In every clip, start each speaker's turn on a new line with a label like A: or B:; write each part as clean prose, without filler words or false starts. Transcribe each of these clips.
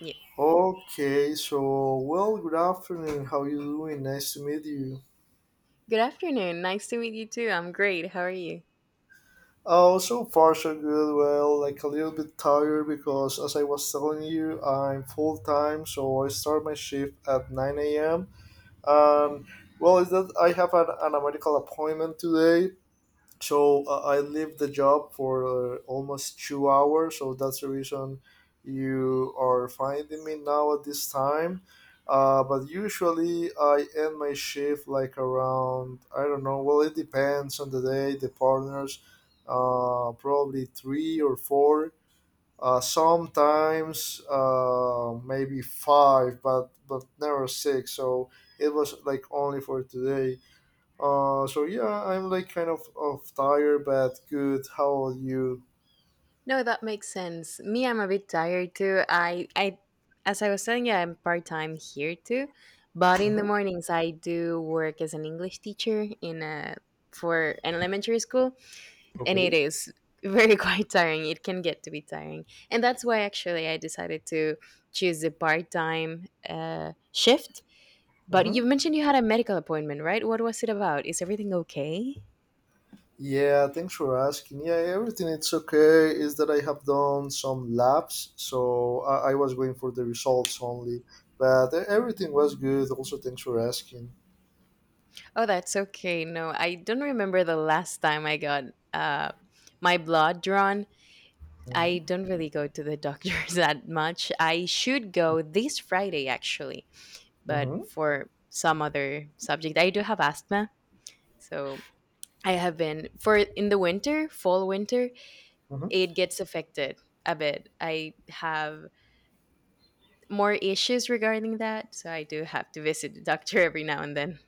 A: Yeah.
B: Okay, so well, good afternoon. How you doing? Nice to meet you.
A: Good afternoon. Nice to meet you too. I'm great. How are you?
B: Oh, so far so good. Well, like a little bit tired because, as I was telling you, I'm full time, so I start my shift at 9 a.m. Um, well, is that I have an medical appointment today. So I leave the job for almost 2 hours. So that's the reason you are finding me now at this time. But usually I end my shift like around, I don't know. Well, it depends on the day, the partners. Probably three or four. Sometimes maybe five, but never six. So it was like only for today. So yeah, I'm like kind of tired, but good. How are you?
A: No, that makes sense. Me, I'm a bit tired too. As I was telling you, I'm part time here too, but in the
B: Hmm.
A: mornings I do work as an English teacher in a for an elementary school, and it
B: Okay.
A: is very quite tiring. It can get to be tiring, and that's why actually I decided to choose the part time shift. But you
B: Hmm.
A: mentioned you had a medical appointment, right? What was it about? Is everything okay?
B: Yeah, thanks for asking. Yeah, everything it's okay. Is that I have done some labs, so I was going for the results only, but everything was good. Also, thanks for asking.
A: Oh, that's okay. No, I don't remember the last time I got uh, my blood drawn. I
B: Hmm.
A: don't really go to the doctors that much. I should go this Friday, actually, but
B: Hmm.
A: for some other subject. I do have asthma, so I have been for in the winter, fall, winter,
B: Hmm.
A: it gets affected a bit. I have more issues regarding that, so I do have to visit the doctor every now and then.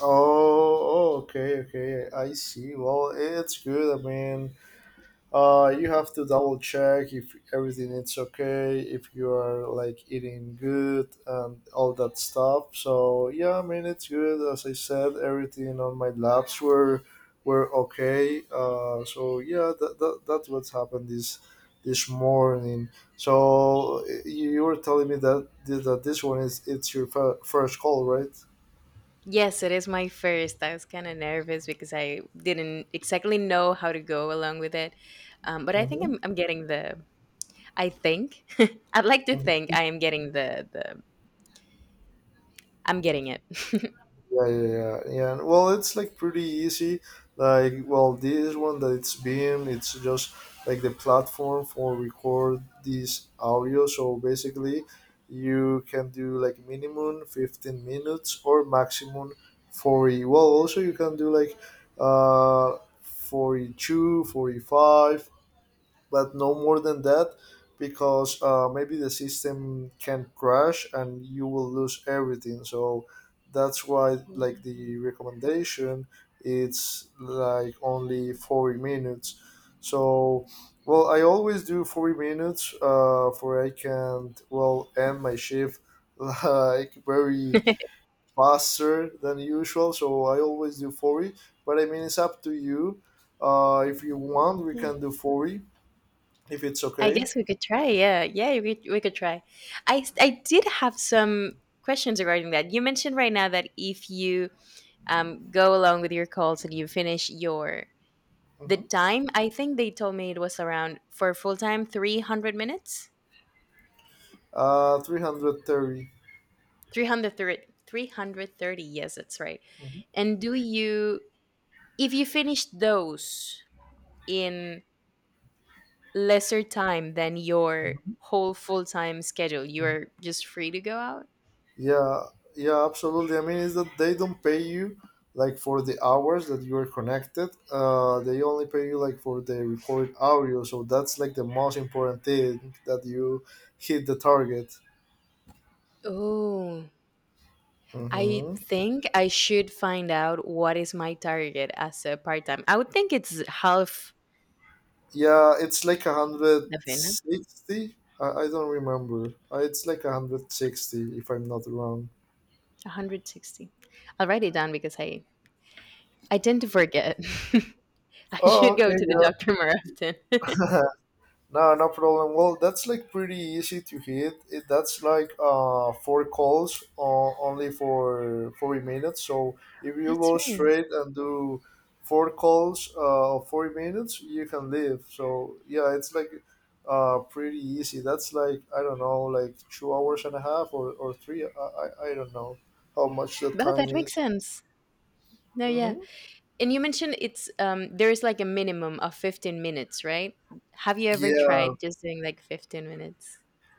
B: Oh, oh, okay, okay. I see. Well, it's good. I mean, you have to double check if everything is okay, if you are like eating good and all that stuff. So yeah, I mean it's good. As I said, everything on my labs were okay. So yeah, that's what's happened this morning. So you were telling me that this one is it's your first call, right?
A: Yes, it is my first. I was kind of nervous because I didn't exactly know how to go along with it. But I think
B: Mm-hmm.
A: I'm getting the, I think, I'd like to think I am getting the I'm getting it.
B: Yeah, yeah, yeah, yeah. Well, it's like pretty easy. Like, well, this one that it's Beam, it's just like the platform for record this audio. So basically, you can do like minimum 15 minutes or maximum 40. Well, also you can do like 42, 45, but no more than that, because maybe the system can crash and you will lose everything, so that's why like the recommendation it's like only 40 minutes. So well, I always do 40 minutes, for I can well end my shift like very faster than usual, so I always do 40. But I mean, it's up to you. If you want, we
A: Yeah.
B: can do 40 if it's
A: I
B: okay.
A: guess we could try. Yeah. Yeah. We could try. I did have some questions regarding that. You mentioned right now that if you go along with your calls and you finish your, the
B: Mm-hmm.
A: time, I think they told me it was around for full time 300 minutes.
B: 330.
A: 330. 330, yes, that's right. And do you if you finish those in lesser time than your whole full-time schedule, you're just free to go out.
B: Yeah, yeah, absolutely. I mean, is that they don't pay you like for the hours that you are connected. They only pay you like for the recorded audio. So that's like the most important thing, that you hit the target.
A: Oh, I
B: Hmm.
A: think I should find out what is my target as a part-time. I would think it's half
B: Yeah, it's like a hundred
A: the fin
B: sixty. I don't remember. It's like a hundred sixty if I'm not wrong.
A: 160. I'll write it down because I tend to forget. I
B: Oh,
A: should go
B: okay.
A: to the
B: Yeah.
A: doctor more often.
B: No, no problem. Well, that's like pretty easy to hit. That's like four calls, only for 40 minutes. So if you
A: That's
B: go
A: right.
B: straight and do four calls of 40 minutes, you can leave. So yeah, it's like pretty easy. That's like, I don't know, like 2 hours and a half, or three. I don't know how much the
A: But
B: time
A: that makes
B: is.
A: sense. No, yeah.
B: Mm-hmm.
A: And you mentioned it's there is like a minimum of 15 minutes, right? Have you ever
B: Yeah,
A: tried just doing like 15 minutes?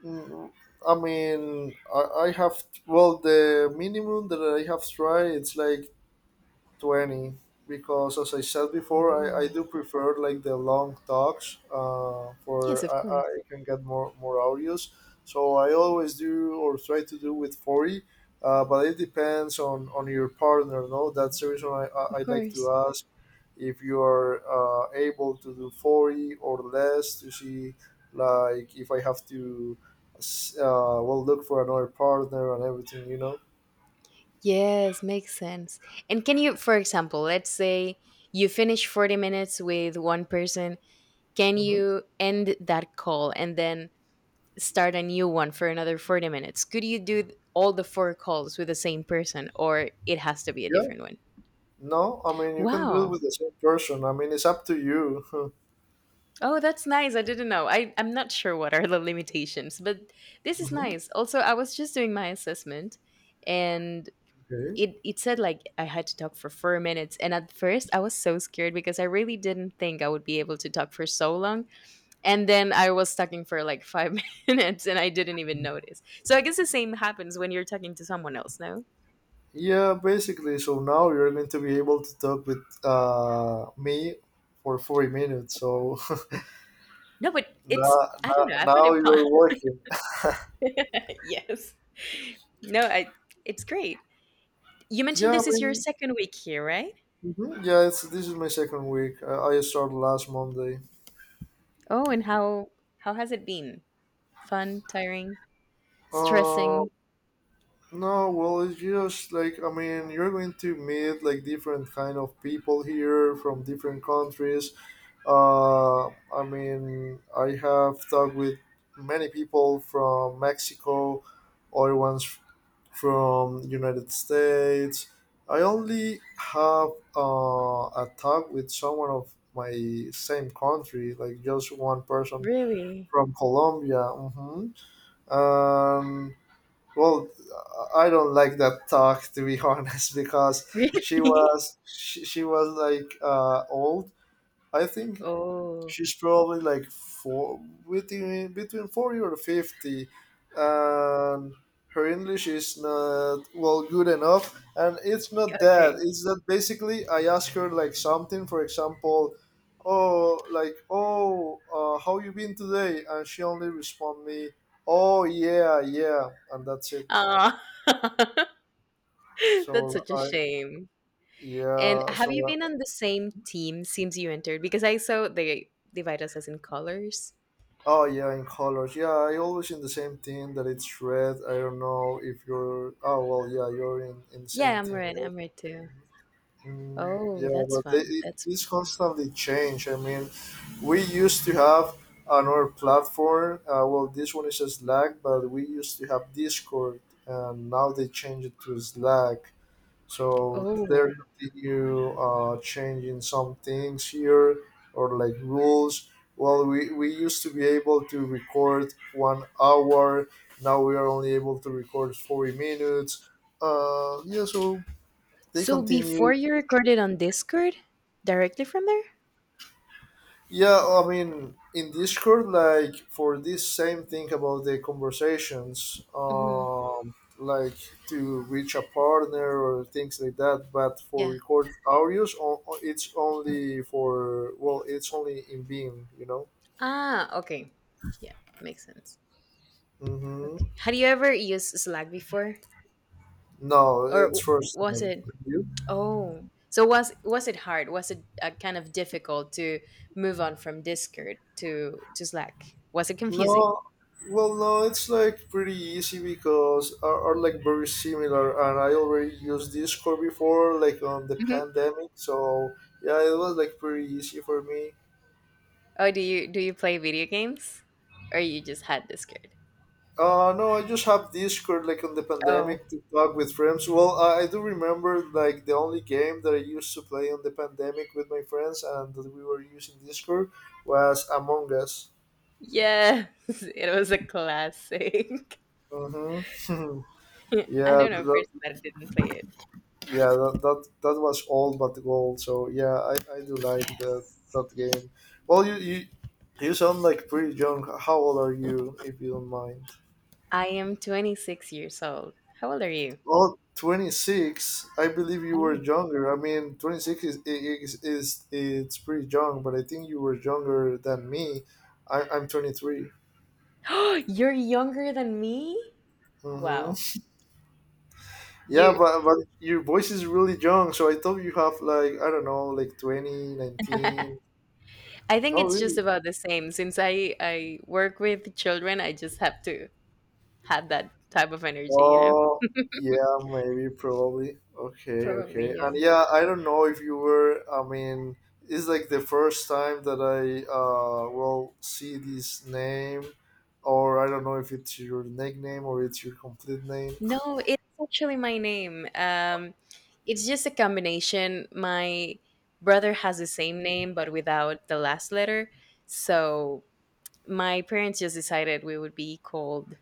B: Mm, I mean, I have, well, the minimum that I have tried, it's like 20, because as I said before I
A: Oh.
B: do prefer like the long talks,
A: Yes,
B: for
A: of
B: I,
A: course.
B: I can get more audios, so I always do or try to do with 40. But it depends on your partner. No, that's the reason I
A: Of
B: like to
A: course.
B: ask if you are able to do 40 or less, to see like if I have to, uh, well, look for another partner and everything.
A: Yes, makes sense. And can you, for example, let's say you finish 40 minutes with one person, can
B: Hmm.
A: you end that call and then start a new one for another 40 minutes? Could you do all the four calls with the same person, or it has to be a different one?
B: No, I mean, you can do it
A: Wow.
B: with the same person. I mean, it's up to you.
A: Oh, that's nice. I didn't know. I'm not sure what are the limitations, but this is
B: Hmm.
A: nice. Also, I was just doing my assessment, and
B: Okay.
A: it said like I had to talk for 4 minutes. And at first, I was so scared because I really didn't think I would be able to talk for so long. And then I was talking for like five minutes and I didn't even notice. So I guess the same happens when you're talking to someone else, no?
B: Yeah, basically. So now you're going to be able to talk with me for 40 minutes. So
A: No, but it's,
B: now,
A: I
B: now,
A: don't know. I find
B: now
A: it fun.
B: you're working.
A: Yes. No, I, it's great. You mentioned
B: Yeah, I
A: this is your
B: mean,
A: second week here, right?
B: mhm, yeah. It's This is my second week. I started last Monday.
A: Oh, and how has it been? Fun, tiring,
B: Um,
A: stressing?
B: No, well, it's just like, I mean, you're going to meet like different kind of people here from different countries. I mean, I have talked with many people from Mexico, other ones from United States. I only have uh, a talk with someone of my same country, like just one person
A: Really?
B: from Colombia. Hmm. Um, well, I don't like that talk, to be honest, because
A: Really?
B: she was like old. I think
A: Oh,
B: she's probably like four between 40 or 50, and her English is not well good enough. And it's not that.
A: okay.
B: It's that basically I ask her like something. For example, oh, like, oh, how you been today? And she only respond me, oh yeah yeah, and that's it.
A: Ah, that's
B: So
A: such a
B: I
A: shame. And
B: Yeah,
A: have you
B: so.
A: been on the same team since you entered? Because I saw they divide us as in colors.
B: Oh yeah, in colors. Yeah, I always in the same team that it's red. I don't know if you're, oh, well, yeah, you're in the
A: Yeah,
B: same
A: I'm
B: team,
A: red.
B: right?
A: I'm red too.
B: Mm,
A: Oh,
B: yeah,
A: that's
B: but
A: fun. That's fun
B: this
A: too.
B: constantly change. I mean, we used to have another platform. Well, this one is Slack, but we used to have Discord, and now they change it to Slack. So there
A: Oh,
B: continue changing some things here or like rules. Well, we used to be able to record 1 hour. Now we are only able to record 40 minutes. Yeah, so they
A: so before
B: continue.
A: you recorded on Discord, directly from there?
B: Yeah, I mean, in Discord, like for this same thing about the conversations,
A: Mm-hmm.
B: like to reach a partner or things like that. But for
A: Yeah.
B: record audios, it's only for well, it's only in Beam.
A: Ah, okay. Yeah, makes sense.
B: Mm-hmm.
A: Okay. Had you ever used Slack before,
B: No,
A: or
B: it's first
A: was
B: name.
A: it? Oh, so was it hard? Was it kind of difficult to move on from Discord to Slack? Was it confusing?
B: No, well, no, it's like pretty easy because are like very similar, and I already used Discord before, like on the
A: Hmm.
B: pandemic. So yeah, it was like pretty easy for me.
A: Oh, do you play video games, or you just had Discord?
B: No, I just have Discord like on the
A: Oh,
B: pandemic to talk with friends. Well, I do remember like the only game that I used to play on the pandemic with my friends and that we were using Discord was Among Us.
A: yes, it was a classic.
B: Mm-hmm.
A: I don't
B: Yeah,
A: know no, a
B: that
A: person that didn't play it.
B: yeah, that was all but gold, so yeah, I do like that
A: Yes,
B: that game. Well, you sound like pretty young. How old are you, if you don't mind?
A: I am 26 years old. How old are you?
B: Well, 26, I believe
A: I
B: you were
A: am.
B: younger. I mean, 26 is it's pretty young, but I think you were younger than me. I'm 23.
A: You're younger than me?
B: Hmm.
A: Wow.
B: Yeah,
A: You
B: but your voice is really young, so I thought you have like, I don't know, like twenty, nineteen. 19.
A: I think
B: No,
A: it's just
B: really?
A: about the same. Since I work with children, I just have to have that type of energy, you know?
B: Oh, yeah, maybe, probably. Okay,
A: Probably,
B: okay. And
A: yeah.
B: yeah, I don't know if you were, I mean, it's like the first time that I will see this name, or I don't know if it's your nickname or it's your complete name.
A: No, it's actually my name. It's just a combination. My brother has the same name but without the last letter. So my parents just decided we would be called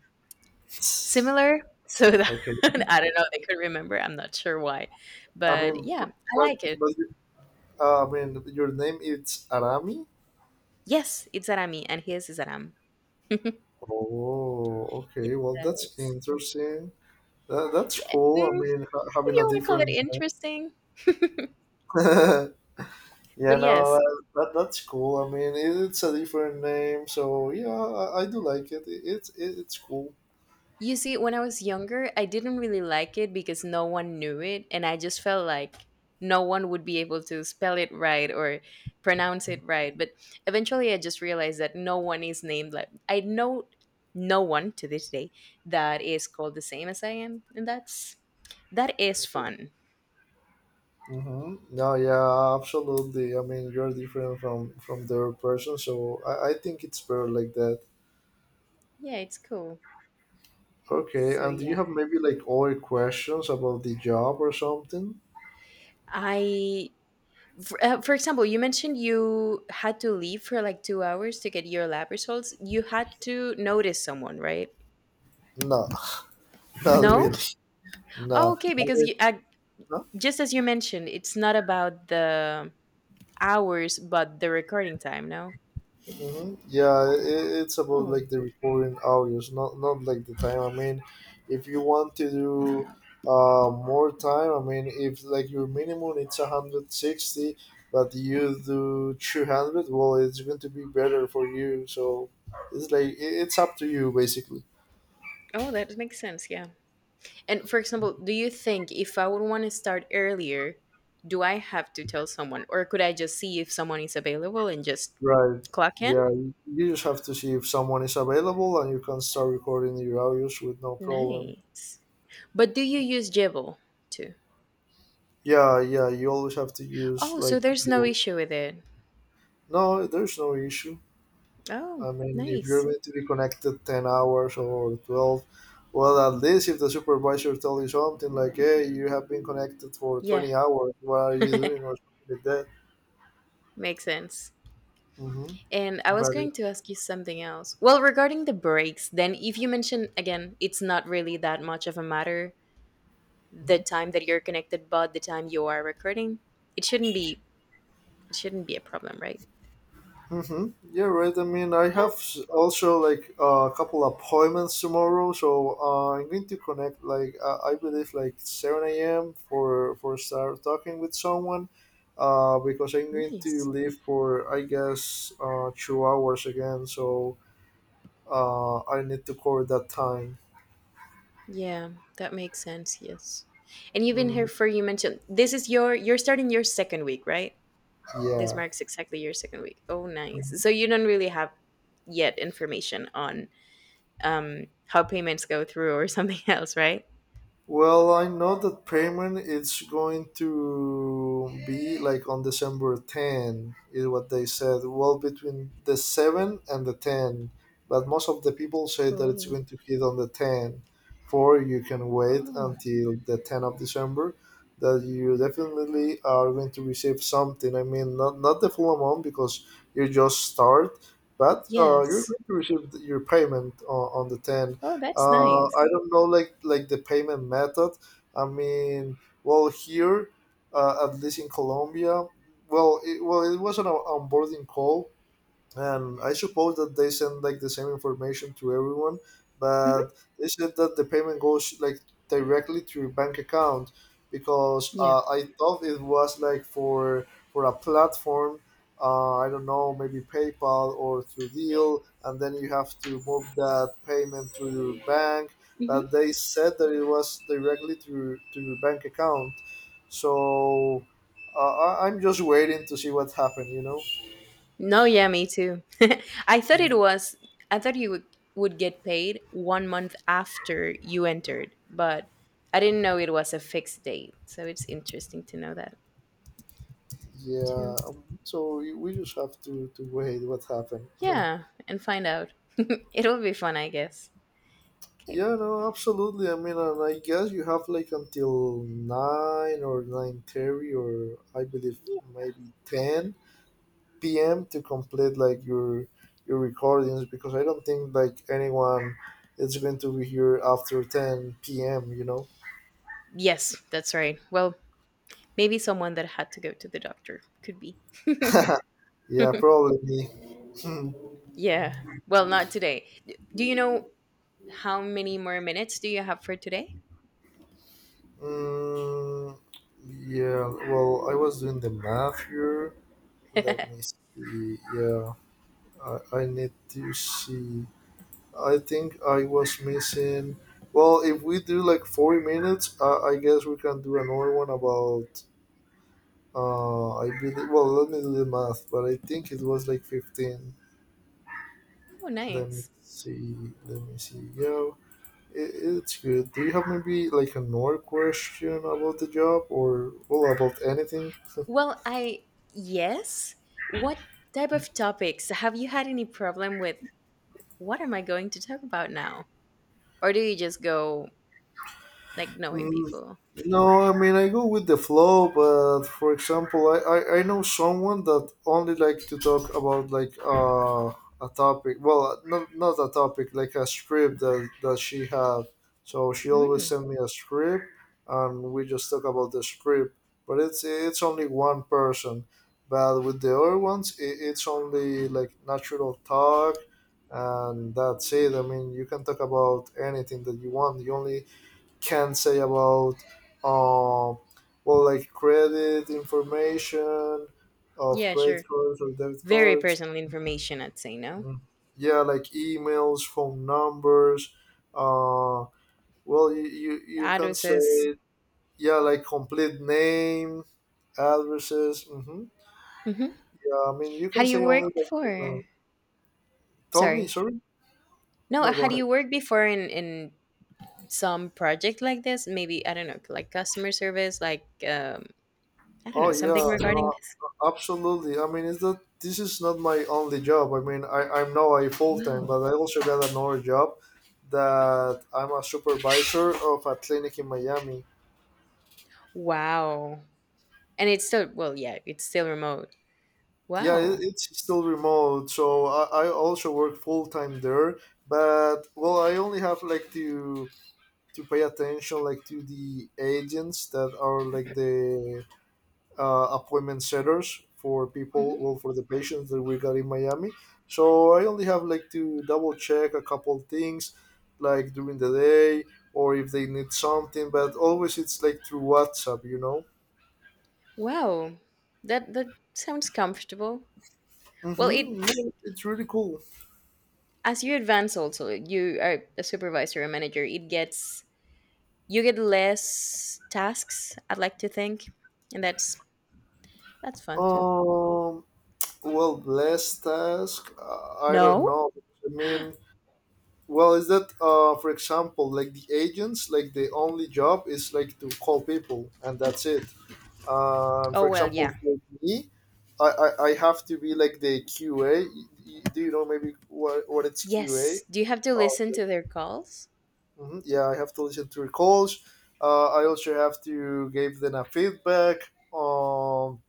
A: Similar, so that
B: Okay.
A: I don't know, they could remember, I'm not sure why,
B: I
A: but
B: mean,
A: yeah, I like it.
B: but I mean, your name is Arami.
A: Yes, it's "Arami" and his is "Aram."
B: Oh, okay. Well, that's
A: Yes.
B: interesting. That's
A: Yeah,
B: cool. I mean, ha
A: if
B: having
A: you
B: a
A: wanna call it
B: different name.
A: interesting. But
B: Yeah, no,
A: yes,
B: that's cool. I mean, it's a different name, so yeah, I do like it. It's cool.
A: you see, when I was younger, I didn't really like it because no one knew it, and I just felt like no one would be able to spell it right or pronounce it right. But eventually, I just realized that no one is named like I know no one to this day that is called the same as I am, and that's that is fun.
B: Mm-hmm. No, yeah, absolutely. I mean, you're different from the other person, so I think it's better like that.
A: Yeah, it's cool.
B: Okay,
A: So
B: and do you
A: yeah,
B: have maybe like other questions about the job or something?
A: I for example, you mentioned you had to leave for like 2 hours to get your lab results. You had to notice someone, right?
B: No, not really.
A: No? Oh,
B: No,
A: okay,
B: I
A: because
B: mean, no?
A: just as you mentioned, it's not about the hours, but the recording time, no?
B: Hmm. Yeah, it's about
A: Oh.
B: like the recording hours, not like the time. I mean, if you want to do more time, I mean, if like your minimum it's 160, but you do 200, well, it's going to be better for you. So it's like, it's up to you basically.
A: Oh, that makes sense, yeah. And for example, do you think if I would want to start earlier, do I have to tell someone, or could I just see if someone is available and just
B: Right.
A: clock in?
B: Yeah, you just have to see if someone is available, and you can start recording your hours with no problem.
A: Nice. But do you use Jibble too?
B: Yeah, yeah, you always have to use,
A: Oh, so
B: like,
A: there's no
B: your...
A: issue with it.
B: No, there's no issue.
A: Oh,
B: I mean, if you're
A: nice.
B: going to be connected 10 hours or 12, well, at least if the supervisor tells you something like, hey, you have been connected for
A: Yeah,
B: 20 hours, what are you doing, or something like that.
A: makes sense.
B: Mm-hmm.
A: And I was
B: But
A: going
B: it-
A: to ask you something else. Well, regarding the breaks, then if you mention again, it's not really that much of a matter the time that you're connected, but the time you are recording, it shouldn't be it shouldn't be a problem, right?
B: Mm-hmm. Yeah, right. I mean, I
A: Yeah,
B: have also like a couple appointments tomorrow, so I'm going to connect like, I believe like 7 a.m. for start talking with someone, because I'm going to
A: nice.
B: leave for, I guess, 2 hours again. So, I need to call that time.
A: Yeah, that makes sense. Yes. And you've been here
B: Mhm.
A: for you mentioned this is your you're starting your second week, right? This
B: Yeah.
A: marks exactly your second week. Oh, nice. So you don't really have yet information on how payments go through or something else, right?
B: Well, I know that payment is going to be like on December 10, is what they said. Well, between the 7 and the 10. But most of the people say that it's
A: Oh.
B: going to hit on the 10. For you can wait
A: Oh,
B: until the 10 of December, that you definitely are going to receive something. I mean, not the full amount because you just start, but you're
A: yes.
B: going to receive your payment on the 10th.
A: Oh, that's
B: I
A: nice.
B: don't know like the payment method. I mean, well here, at least in Colombia, well it was an onboarding call, and I suppose that they send like the same information to everyone,
A: Hmm.
B: but they said that the payment goes like directly to your bank account because
A: Yeah.
B: I thought it was like for a platform. I don't know, maybe PayPal or through Deal, and then you have to move that payment to your bank. But
A: Hmm.
B: they said that it was directly to your bank account. So I'm just waiting to see what happened. You know.
A: No, yeah, me too. I thought it
B: Mhm.
A: was, I thought would get paid one month after you entered, but I didn't know it was a fixed date. So it's interesting to know that
B: Yeah,
A: too.
B: so we just have to wait what happened. Huh.
A: Yeah, and find out. It'll be fun, I guess. Okay.
B: Yeah, no, absolutely. I mean, and I guess you have like until 9 or 9:30, or I believe maybe ten p.m. to complete like your recordings because I don't think like anyone is going to be here after ten p.m. You know.
A: Yes, that's right. Well, maybe someone that had to go to the doctor could be.
B: Yeah, probably me. Hmm.
A: Yeah. Well, not today. Do you know how many more minutes do you have for today?
B: Mm, yeah, well, I was doing the math here.
A: Oh,
B: Let me see. Yeah, I need to see. I think I was missing. Well, if we do like 40 minutes, I guess we can do another one about. I believe. Well, let me do the math, but I think it was like 15. Let me
A: nice.
B: see. Let me see. Yeah, it's good. Do you have maybe like another question about the job or well about anything?
A: Well, I, yes. What type of topics? Have you had any problem with what am I going to talk about now? Or do you just go like knowing
B: Mm,
A: people?
B: no, I mean I go with the flow, but for example, I know someone that only like to talk about like a topic. Well, not a topic, like a script that she had. So she always
A: Hmm.
B: send me a script, and we just talk about the script. But it's only one person. But with the other ones, it's only like natural talk, and that's it. I mean, you can talk about anything that you want. The only can say about um well like credit information of
A: Yeah,
B: credit
A: sure.
B: cards or debit
A: Very
B: cards.
A: personal information, I'd say, no?
B: Mm, yeah, like emails, phone numbers, uh well you
A: Ado
B: can
A: says,
B: say, yeah, like complete name, addresses. Hmm,
A: mm-hmm.
B: yeah, I mean you can
A: Had you
B: say only
A: worked
B: like your
A: for,
B: name. Tell me,
A: sorry.
B: sorry.
A: No,
B: No, go
A: had
B: ahead.
A: you worked before in some project like this? Maybe, I don't know, like customer service, like I don't
B: Oh
A: know, something
B: yeah,
A: regarding
B: no,
A: this?
B: absolutely. I mean, it's that this is not my only job. I mean, I'm now a full time,
A: Wow.
B: but I also got another job that I'm a supervisor of a clinic in Miami.
A: Wow. And it's still well, yeah, it's still remote.
B: Yeah,
A: Wow.
B: it's still remote, so I also work full time there. But well, I only have like to pay attention like to the agents that are like the appointment setters for
A: Mhm.
B: people, well, for the patients that we got in Miami. So I only have like to double check a couple things, like during the day or if they need something. But always it's like through WhatsApp, you know.
A: Wow. That that sounds comfortable. Well, it
B: Mm-hmm. Yeah, it's really cool.
A: as you advance also, you are a supervisor a manager, it gets you get less tasks, I'd like to think, and that's fun too.
B: Um, well, last task. I don't
A: No?
B: know. I mean, well, is that for example, like the agents, like the only job is like to call people, and that's it.
A: Oh
B: For
A: well,
B: example,
A: yeah.
B: for me, I have to be like the QA. Do you know maybe what it's QA?
A: Yes. Do you have to
B: Oh,
A: listen to their calls?
B: mhm, yeah, I have to listen to recalls. I also have to give them a feedback.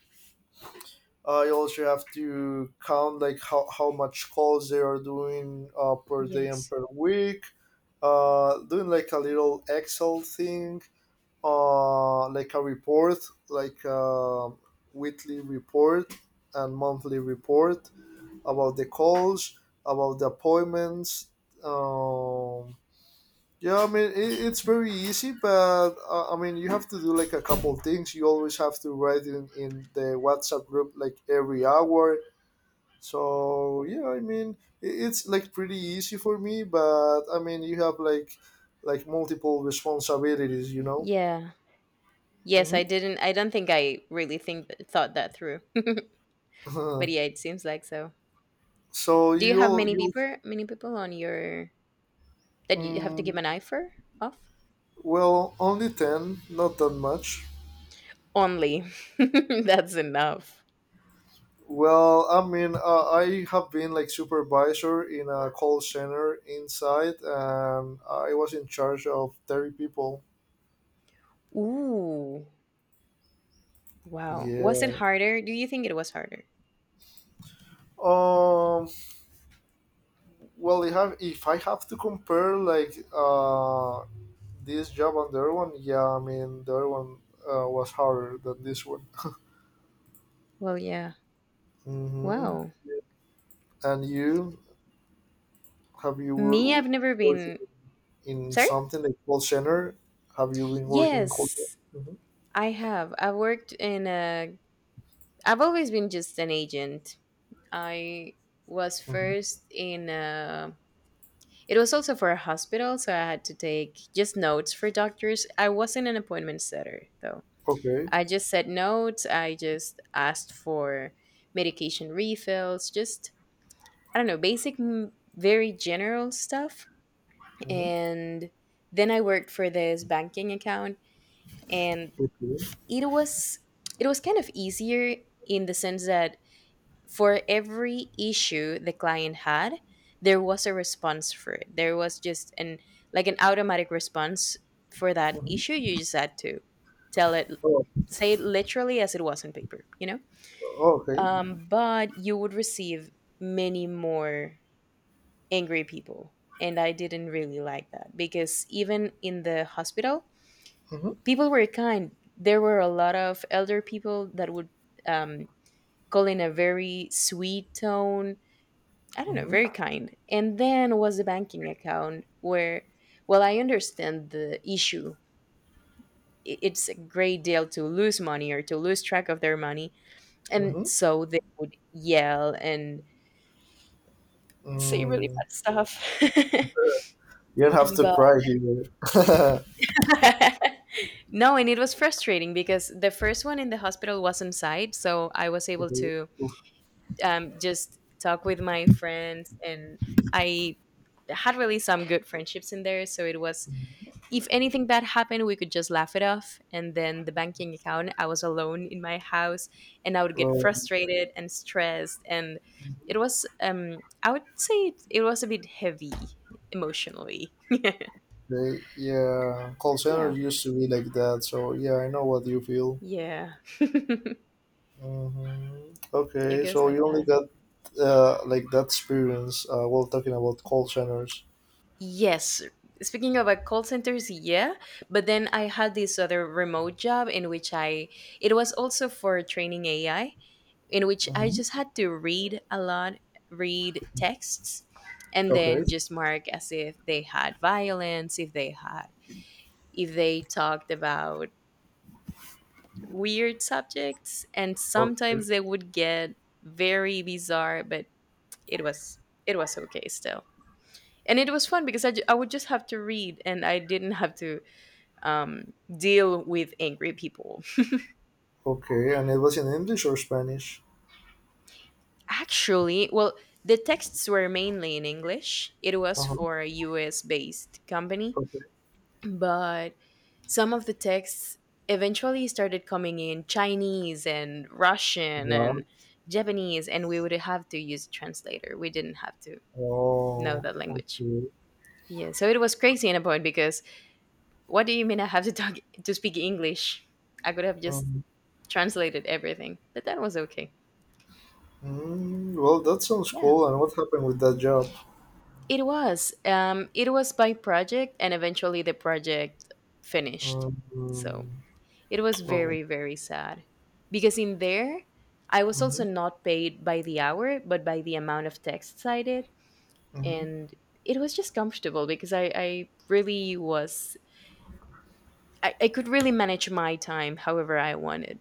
B: I also have to count like how much calls they are doing per day and
A: Yes.
B: per week. Doing like a little Excel thing, like a report, like a weekly report and monthly report about the calls, about the appointments. Um, yeah, I mean it's very easy, but I mean you have to do like a couple things. You always have to write in the WhatsApp group like every hour. So yeah, I mean it's like pretty easy for me, but I mean you have like multiple responsibilities, you know.
A: Yeah. Yes,
B: Hmm.
A: I didn't I don't think I really think thought that through. But yeah, it seems like so.
B: So
A: Do you have
B: you you
A: many people on your that you have to give
B: mm,
A: an eye for off?
B: well only ten, not that much.
A: Only. That's enough.
B: Well, I mean, I have been like supervisor in a call center inside, and I was in charge of 30 people.
A: Ooh. Wow. Was it
B: Yeah.
A: harder? Do you think it was harder?
B: Um, well, if I have to compare like this job and the other one, yeah, I mean the other one was harder than this one.
A: Well, yeah.
B: Mm-hmm.
A: Wow.
B: And you, have you w-
A: Me,
B: w-
A: I've never
B: worked
A: been.
B: in
A: Sorry?
B: something like call center? Have you been working in call center?
A: Yes,
B: Hmm.
A: I have. I worked in a. I've always been just an agent. I was
B: Hmm.
A: first in a it was also for a hospital, so I had to take just notes for doctors. I wasn't an appointment setter, though.
B: Okay.
A: I just said notes. I just asked for medication refills, just, I don't know, basic, very general stuff.
B: Hmm.
A: And then I worked for this banking account, and
B: Okay.
A: it was it was kind of easier in the sense that for every issue the client had there was a response for it there was just an like an automatic response for that issue
B: Hmm.
A: you just had to tell it
B: Oh,
A: say it literally as it was on paper, you know.
B: oh, okay.
A: But you would receive many more angry people, and I didn't really like that because even in the hospital
B: Hmm.
A: people were kind there were a lot of elder people that would um, call in a very sweet tone I don't know,
B: Hmm.
A: very kind. And then was a banking account where, well, I understand the issue. It's a great deal to lose money or to lose track of their money. And
B: Hmm.
A: so they would yell and say really
B: Mm.
A: bad stuff.
B: You don't have to
A: But
B: cry here.
A: no, and it was frustrating because the first one in the hospital was inside. So I was able
B: Okay.
A: to just talk with my friends and I had really some good friendships in there. So it was if anything bad happened, we could just laugh it off. And then the banking account, I was alone in my house and I would get
B: Well,
A: frustrated and stressed. And it was, I would say it was a bit heavy emotionally.
B: okay. Yeah, call center
A: Yeah.
B: used to be like that. So yeah, I know what you feel.
A: Yeah. It
B: Hmm. Okay,
A: goes
B: so
A: like
B: you only
A: that.
B: got like that experience while talking about call centers.
A: Yes. Speaking of call centers, yeah. But then I had this other remote job in which I, it was also for training AI, in which I
B: Hmm.
A: just had to read a lot, read texts, and
B: Okay.
A: then just mark as if they had violence, if they had, if they talked about weird subjects, and sometimes
B: Okay.
A: they would get very bizarre, but it was it was okay still. And it was fun because I would just have to read and I didn't have to deal with angry people.
B: Okay, and it was in English or Spanish?
A: Actually, well, the texts were mainly in English. It was
B: Uh-huh.
A: for a US based company,
B: Okay.
A: but some of the texts eventually started coming in Chinese and Russian
B: Yeah.
A: and Japanese, and we would have to use a translator. We didn't have to know
B: Oh,
A: that language.
B: okay.
A: Yeah, so it was crazy in a point because what do you mean I have to talk to speak English? I could have just
B: Um,
A: translated everything, but that was okay.
B: mm, well, that sounds
A: Yeah,
B: cool. And what happened with that job?
A: it was. It was by project, and eventually the project finished. So
B: Um,
A: it was
B: oh,
A: very, very sad because in there, I was
B: mm-hmm,
A: also not paid by the hour, but by the amount of texts I did.
B: mm-hmm.
A: And it was just comfortable because I really was, I could really manage my time however I wanted.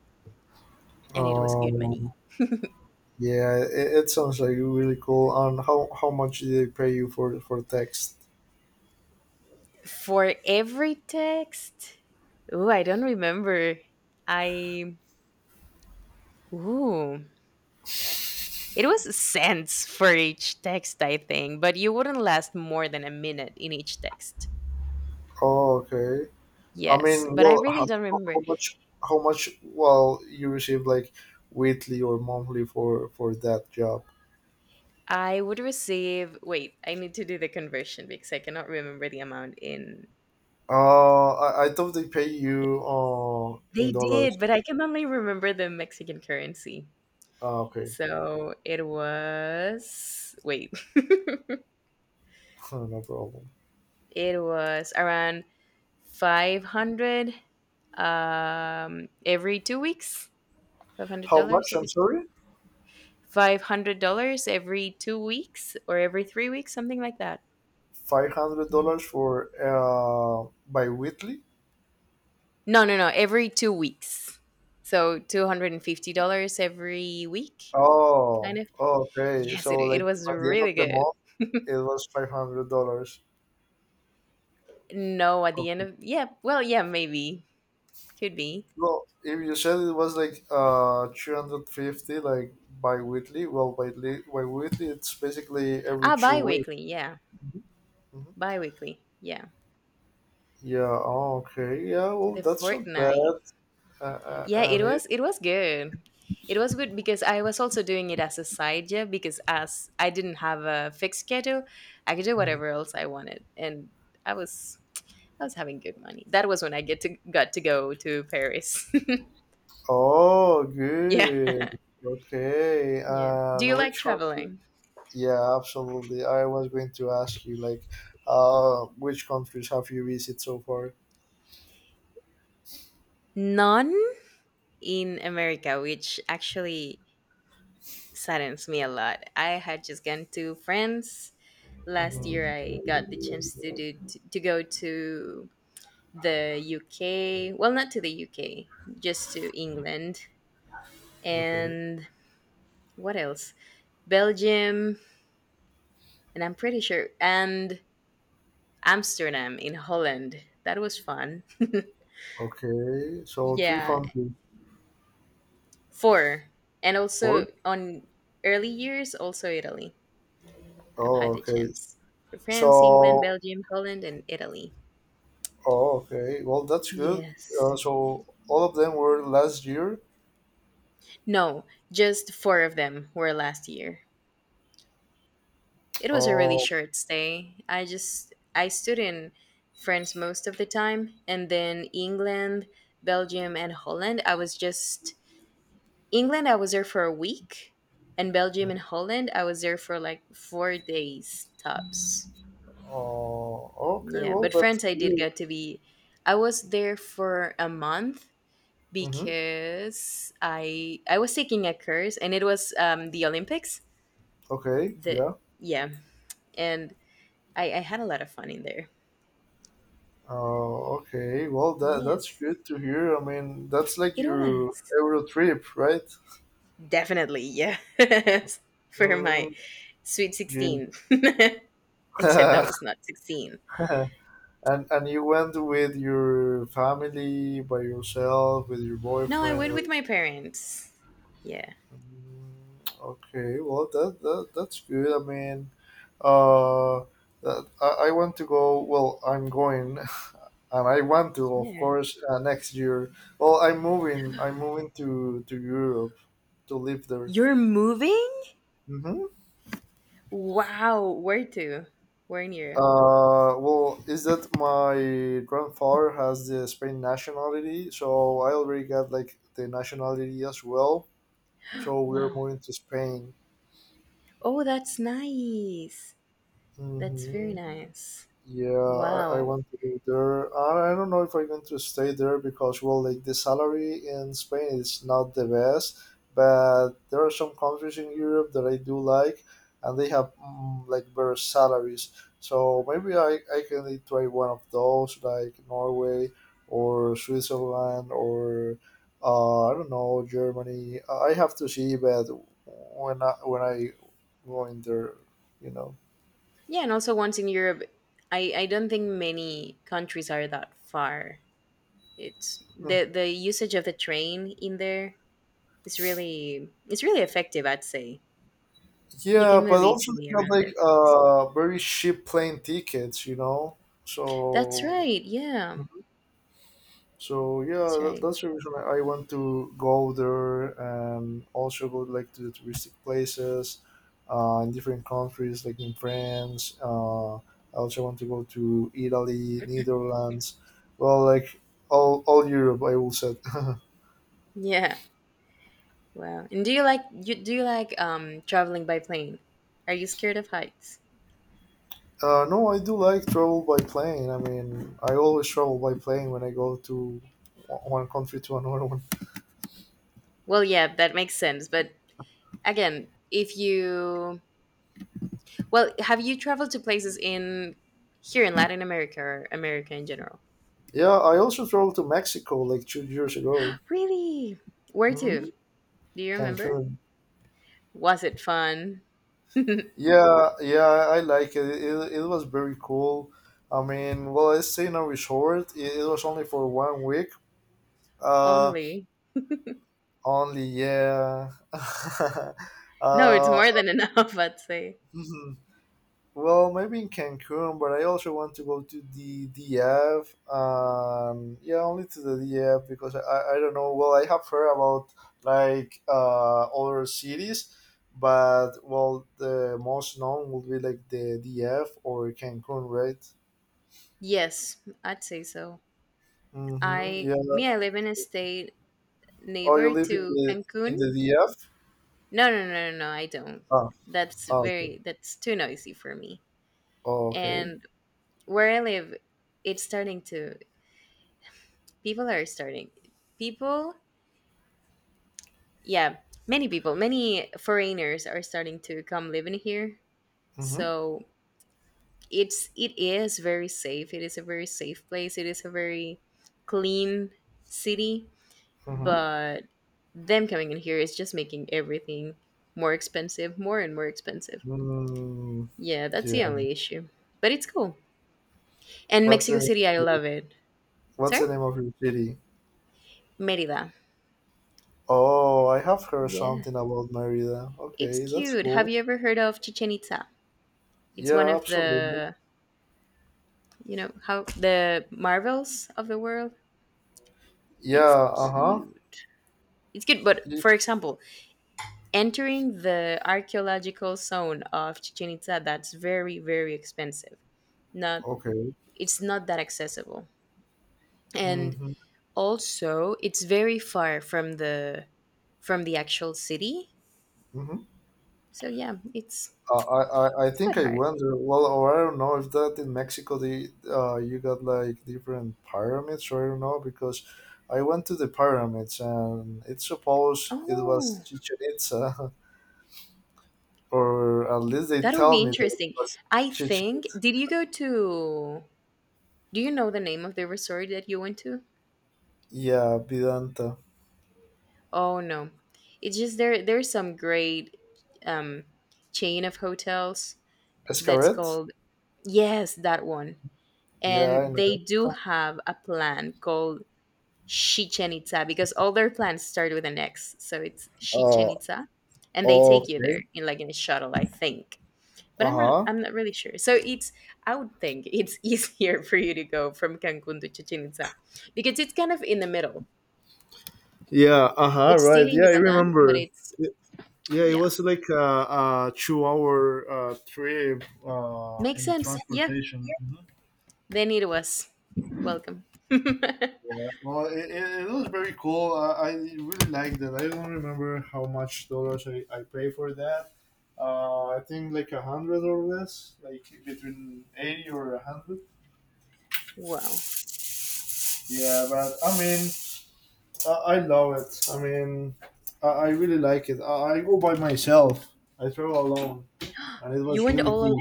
A: And it was good money.
B: Um, yeah, it sounds like really cool. And how much did they pay you for text?
A: For every text, oh, I don't remember. I, ooh, it was cents for each text, I think, but you wouldn't last more than a minute in each text.
B: Oh, okay. I
A: Yes,
B: mean,
A: but I
B: well,
A: really don't remember.
B: how much? How much? Well, you received like weekly or monthly for that job?
A: I would receive, wait, I need to do the conversion because I cannot remember the amount in.
B: I thought they pay you
A: They
B: in dollars.
A: did, but I can only remember the Mexican currency.
B: Ah, okay,
A: So it was, wait,
B: no problem.
A: it was around 500 every 2 weeks, $500
B: How much?
A: every
B: I'm
A: two
B: sorry.
A: $500 every 2 weeks or every 3 weeks, something like that.
B: $500
A: Yes.
B: for bi-weekly.
A: No, no, no, every 2 weeks. So $250 every week kind
B: Oh,
A: of.
B: oh, okay.
A: Yes, it
B: So
A: it
B: like
A: was
B: at the end of
A: really
B: the
A: good.
B: month, it was $500.
A: No, at the end
B: Okay.
A: of yeah, well, yeah, maybe. Could be.
B: Well, if you said it was like 350, like bi-weekly. Well, bi-weekly, it's basically every
A: Ah,
B: 2 weeks.
A: bi-weekly, yeah.
B: Mhm.
A: Bi-weekly. Yeah.
B: Yeah. Oh, okay. Yeah.
A: To
B: Well,
A: the
B: that's not
A: fortnight.
B: bad.
A: Yeah, it
B: And it.
A: was it was good. It was good because I was also doing it as a side job because as I didn't have a fixed schedule, I could do
B: Mm.
A: whatever else I wanted, and I was I was having good money. That was when I get to got to go to Paris.
B: Oh,
A: Yeah,
B: good. Okay.
A: yeah. Do you
B: And
A: like
B: which country?
A: traveling?
B: Yeah, absolutely. I was going to ask you, like, which countries have you visited so far?
A: None in America, which actually saddens me a lot. I had just gone to France last year.
B: Hmm.
A: I got the chance to to go to the UK. Well, not to the UK, just to England.
B: Okay.
A: And what else? Belgium, and I'm pretty sure, and Amsterdam in Holland. That was fun.
B: Okay. So three
A: Yeah,
B: countries.
A: four. And also
B: Four?
A: on early years, also Italy. I've had
B: Oh,
A: the
B: okay.
A: chance. So France, England,
B: So,
A: Belgium, Holland, and Italy.
B: oh, okay. Well, that's good.
A: Yes.
B: So all of them were last year.
A: No, just four of them were last year. It was a really
B: Oh,
A: short stay. I stood in France most of the time and then England, Belgium and Holland. I was just England I was there for a week and Belgium and Holland I was there for like 4 days tops.
B: oh, okay.
A: Yeah,
B: Well,
A: but
B: that's
A: France I did
B: good.
A: get to be I was there for a month
B: Mm-hmm.
A: because I was taking a course and it was the Olympics.
B: Okay.
A: The
B: Yeah.
A: yeah, and I had a lot of fun in there.
B: Oh, okay. Well, that that's
A: Yes,
B: good to hear. I mean, that's like
A: it
B: your
A: was.
B: Euro trip, right?
A: Definitely, yes. For my
B: Mm,
A: sweet
B: you
A: 16. Except that was not 16.
B: and you went with your family by yourself with your
A: No, I
B: boyfriend.
A: went with
B: With-
A: my parents. Yeah.
B: mm, okay, well that's good. I mean, uh, that, I want to go. Well, I'm going, and I want to, of
A: Yeah.
B: course, next year. Well, I'm moving. I'm moving to Europe to live there.
A: You're moving?
B: Hmm.
A: Wow. Where to? Where in Europe?
B: Well, is that my grandfather has the Spain nationality, so I already got like the nationality as well. So we're
A: Wow.
B: moving to Spain.
A: Oh, that's nice. That's very
B: Mm-hmm.
A: nice.
B: Yeah, I
A: Wow.
B: want to go there. I don't know if I'm going to stay there because, well, like the salary in Spain is not the best, but there are some countries in Europe that I do like, and they have like better salaries. So maybe I can try one of those, like Norway or Switzerland or I don't know, Germany. I have to see, but when I go in there, you know.
A: Yeah, and also once in Europe, I don't think many countries are that far. It's the usage of the train in there. It's really effective, I'd say. You can
B: Yeah, but
A: move
B: also
A: easily
B: they have
A: around
B: like
A: that place.
B: very cheap plane tickets, you know.
A: That's
B: So
A: right. Yeah,
B: so yeah,
A: that's right.
B: that's the reason I want to go there and also go like to the touristic places, in different countries like in France. I also want to go to Italy, Netherlands, well, like all Europe, I will say.
A: Yeah. Wow. And do you like you do you like traveling by plane? Are you scared of heights?
B: No, I do like travel by plane. I mean, I always travel by plane when I go to one country to another one.
A: Well, yeah, that makes sense. But again, if you well, have you traveled to places in here in Latin America or America in general?
B: Yeah, I also traveled to Mexico like 2 years ago.
A: Really? Where
B: Hmm.
A: to? Do you remember?
B: Cancun.
A: Was it fun?
B: Yeah, yeah, I like it. It was very cool. I mean, well, I stayed in a resort. It was only for 1 week. Uh,
A: Only.
B: only, yeah.
A: No, it's
B: uh,
A: more than enough, I'd say.
B: Well, maybe in Cancun, but I also want to go to the DF. Yeah, only to the DF because, I don't know. Well, I have heard about like other cities, but well, the most known would be like the DF or Cancun, right?
A: Yes, I'd say so.
B: Mm-hmm. Yeah.
A: I live in a state
B: Oh, you
A: neighbor
B: live
A: to
B: in
A: Cancun.
B: the DF?
A: No, no, no, no, no, I don't.
B: Oh,
A: That's
B: oh, okay.
A: very that's too noisy for me.
B: Oh, okay.
A: And where I live, it's starting to people are starting people, yeah, many people, many foreigners are starting to come live in here.
B: Mm-hmm.
A: So it is very safe. It is a very safe place. It is a very clean city
B: Mm-hmm.
A: but them coming in here is just making everything more expensive, more and more expensive.
B: Mm,
A: Yeah, that's the
B: yeah.
A: only issue. But it's cool. And
B: What's
A: Mexico
B: the
A: City, I love it.
B: what's
A: Sorry?
B: the name of your city?
A: Merida.
B: Oh, I have heard
A: Yeah.
B: something about Merida.
A: It's
B: Okay, that's
A: cute. Have
B: cool.
A: you ever heard of Chichen Itza? It's one
B: Yeah,
A: of
B: absolutely.
A: the, you know, how the marvels of the world.
B: Yeah,
A: It's
B: uh-huh.
A: cute. It's cute, but for example, entering the archaeological zone of Chichen Itza, that's very, very expensive. Not
B: Okay.
A: It's not that accessible and
B: Mm-hmm.
A: also it's very far from the actual city
B: Mm-hmm.
A: so yeah
B: I
A: it's good.
B: think I
A: Hard,
B: wonder, well, or I don't know if that in Mexico, the, you got like different pyramids, or I don't know, because I went to the pyramids and it supposed it was
A: oh,
B: Chichen Itza, or at least they
A: that would be
B: tell me that it
A: interesting.
B: was
A: I
B: Chichen
A: think
B: Itza.
A: did you go to do you know the name of the resort that you went to?
B: Yeah, Vedanta.
A: Oh, no, it's just there there's some great um chain of hotels that's
B: Escaret?
A: called, yes, that one,
B: Yeah, I
A: and they do
B: know.
A: have a plan called Chichen Itza because all their plans start with an X. So it's Chichen
B: Uh,
A: Itza. And they take you there
B: okay.
A: in like in a shuttle, I think. But
B: Uh huh.
A: I'm not really sure. So it's I would think it's easier for you to go from Cancun to Chichen Itza because it's kind of in the middle.
B: Yeah. Uh huh.
A: It's still
B: Right.
A: in
B: Yeah, I
A: Yucatan, but
B: remember.
A: it's
B: Y- Yeah, it
A: yeah.
B: was like a two-hour trip
A: Makes
B: in the
A: sense. Yeah.
B: transportation. Mhm.
A: Then it was. Welcome.
B: Yeah. Well, it was very cool. I really liked it. I don't remember how much dollars I paid for that. I think like 100 or less, like between 80 or 100.
A: Wow.
B: Yeah, but I mean, I love it. I mean, I really like it. I go by myself. I travel alone, and it
A: You
B: was
A: went
B: really
A: all al-
B: cool.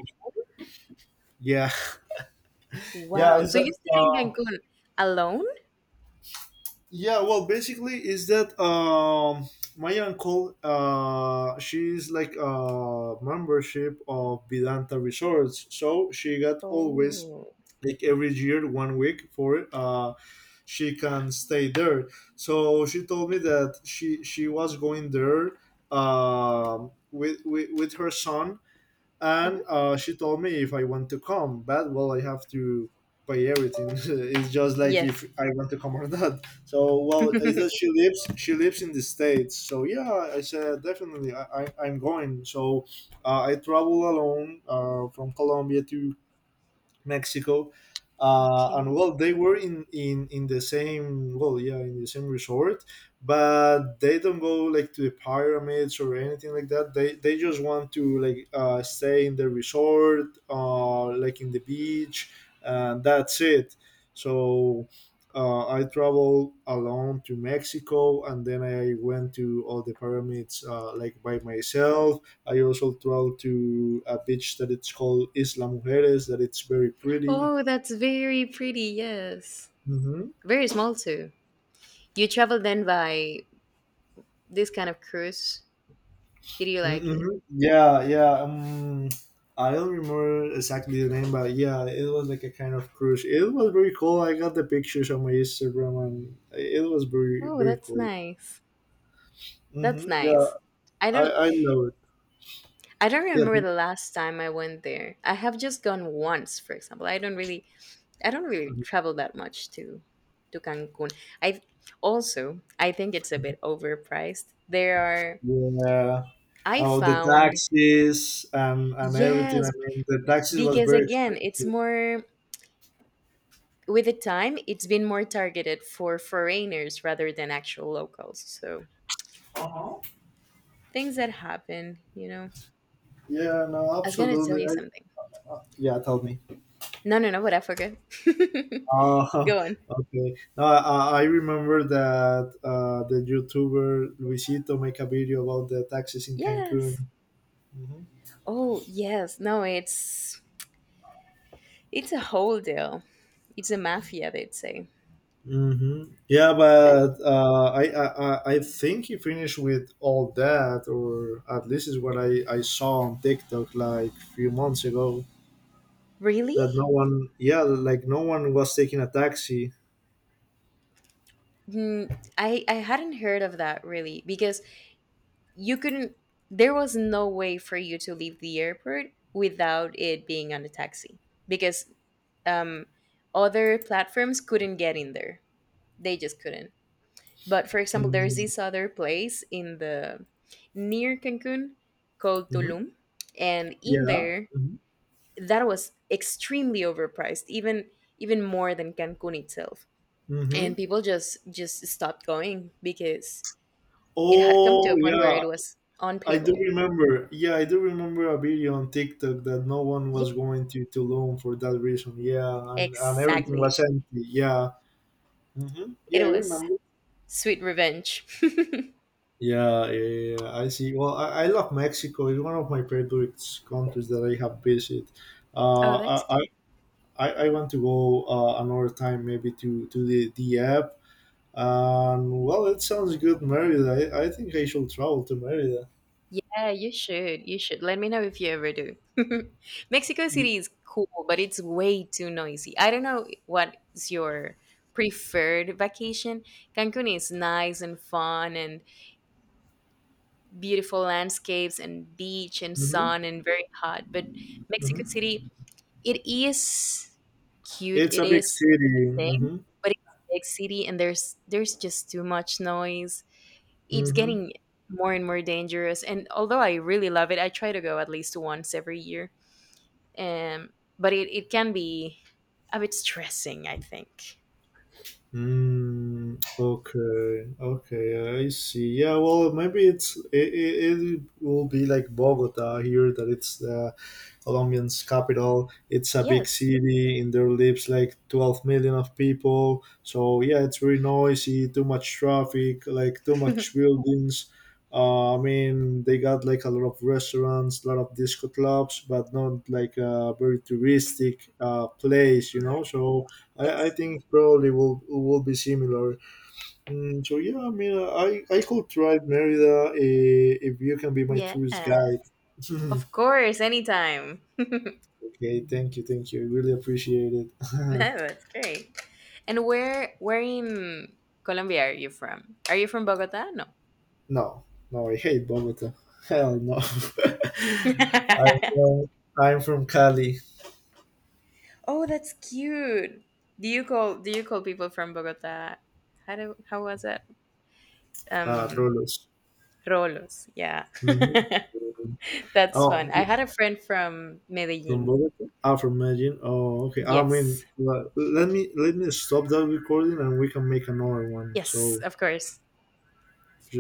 B: Yeah. Yeah,
A: wow.
B: is
A: So you
B: that
A: stayed in Cancun alone?
B: yeah, well, basically is that my uncle she's like a membership of Vedanta Resorts, so she got always
A: Oh.
B: like every year 1 week for she can stay there. So she told me that she was going there, with with her son,
A: Mhm.
B: and she told me if I want to come, but well, I have to pay everything. It's just like if
A: Yes.
B: I want to come or not. So well, is that she lives? She lives in the States. So yeah, I said definitely, I'm going. So I travel alone from Colombia to Mexico. And
A: Okay.
B: well, they were in the same, well, yeah, in the same resort, but they don't go like to the pyramids or anything like that. They just want to like stay in the resort, like in the beach, and that's it. So I traveled alone to Mexico, and then I went to all the pyramids like by myself. I also traveled to a beach that it's called Isla Mujeres, that it's very pretty.
A: Oh, that's very pretty. Yes.
B: Mm-hmm.
A: Very small too. You traveled then by this kind of cruise. Did you like it?
B: Mm-hmm. Yeah, yeah. I don't remember exactly the name, but yeah, it was like a kind of cruise. It was very cool. I got the pictures on my Instagram, and it was very,
A: Oh,
B: very
A: that's
B: cool.
A: nice. That's
B: Mm-hmm. Yeah,
A: nice. I
B: I,
A: don't
B: I love it.
A: I don't
B: Yeah,
A: remember
B: th-
A: the last time I went there. I have just gone once, for example. I don't really travel that much to Cancun. I also I think it's a bit overpriced. There are
B: yeah.
A: I
B: Oh, the
A: found
B: taxis and everything.
A: yes,
B: I mean, the taxis was
A: because
B: very
A: again, it's
B: expensive.
A: more with the time, it's been more targeted for foreigners rather than actual locals. So
B: Uh-huh.
A: things that happen, you know.
B: Yeah, no,
A: I was gonna tell
B: absolutely.
A: you something.
B: Yeah, tell me.
A: No, no, no, but I forgot.
B: Uh,
A: Go on.
B: okay. No, I remember that the YouTuber Luisito make a video about the taxes in Cancun.
A: Yes.
B: Hmm.
A: Oh, yes. No, it's a whole deal. It's a mafia, they'd say.
B: Hmm. Yeah,
A: But
B: but I think he finished with all that, or at least is what I saw on TikTok like few months ago.
A: really?
B: That no one, yeah, like no one was taking a taxi.
A: Mm, I hadn't heard of that really because you couldn't there was no way for you to leave the airport without it being on a taxi because um, other platforms couldn't get in there, they just couldn't. But for example, there's
B: Mm-hmm.
A: this other place in the near Cancun called Tulum, and in
B: Yeah.
A: there
B: Hmm.
A: that was extremely overpriced, even even more than Cancun itself,
B: Hmm.
A: and people just stopped going because it had come to
B: Oh
A: a point
B: yeah,
A: where it was
B: I do
A: unpayable.
B: remember, yeah, I do remember a video on TikTok that no one was going to Tulum for that reason. Yeah, and everything
A: Exactly.
B: was empty. Yeah, hmm, yeah,
A: It
B: I
A: was
B: remember.
A: sweet revenge.
B: Yeah, yeah, I see. Well, I love Mexico. It's one of my favorite countries that I have visited.
A: Oh,
B: Uh,
A: that's
B: I,
A: cute.
B: I want to go another time, maybe to the app. And well, it sounds good, Merida. I think I should travel to Merida.
A: Yeah, you should. You should. Let me know if you ever do. Mexico City is cool, but it's way too noisy. I don't know what is your preferred vacation. Cancun is nice and fun and beautiful landscapes and beach and
B: Hmm.
A: sun and very hot, but Mexico
B: Hmm.
A: City, it is cute.
B: It's
A: It
B: a big
A: is
B: city.
A: interesting,
B: Hmm.
A: but it's a big city and there's just too much noise. It's
B: Mm-hmm.
A: getting more and more dangerous. And although I really love it, I try to go at least once every year. Um, but it can be a bit stressing, I think.
B: Mm, okay, okay, I see. Yeah, well, maybe it will be like Bogota here, that it's the Colombian's capital. It's a big
A: Yes.
B: city, and there lives like 12 million of people. So yeah, it's very noisy, too much traffic, like too much buildings. I mean, they got like a lot of restaurants, a lot of disco clubs, but not like a very touristic place, you
A: Yeah.
B: know. So I
A: Yes.
B: think probably will be similar. Mm, so yeah, I mean, I could try Merida, eh, if you can be my
A: Yeah.
B: tourist guide.
A: Of course. Anytime. No,
B: Okay, thank you, thank you. I really appreciate it.
A: that's great. And where in Colombia are you from? Are you from Bogota? No.
B: No, no, I hate Bogota. Hell no. I'm from, I'm from Cali,
A: Oh, that's cute. Do you call people from Bogota? How was that? Um,
B: Rolos.
A: Rolos, yeah.
B: Hmm.
A: That's fun.
B: Oh,
A: I had a friend from
B: from
A: Medellin.
B: Bogota? Ah, from Medellin. Oh, okay. I mean,
A: Yes.
B: let me stop that recording and we can make another one.
A: Yes,
B: So.
A: of course.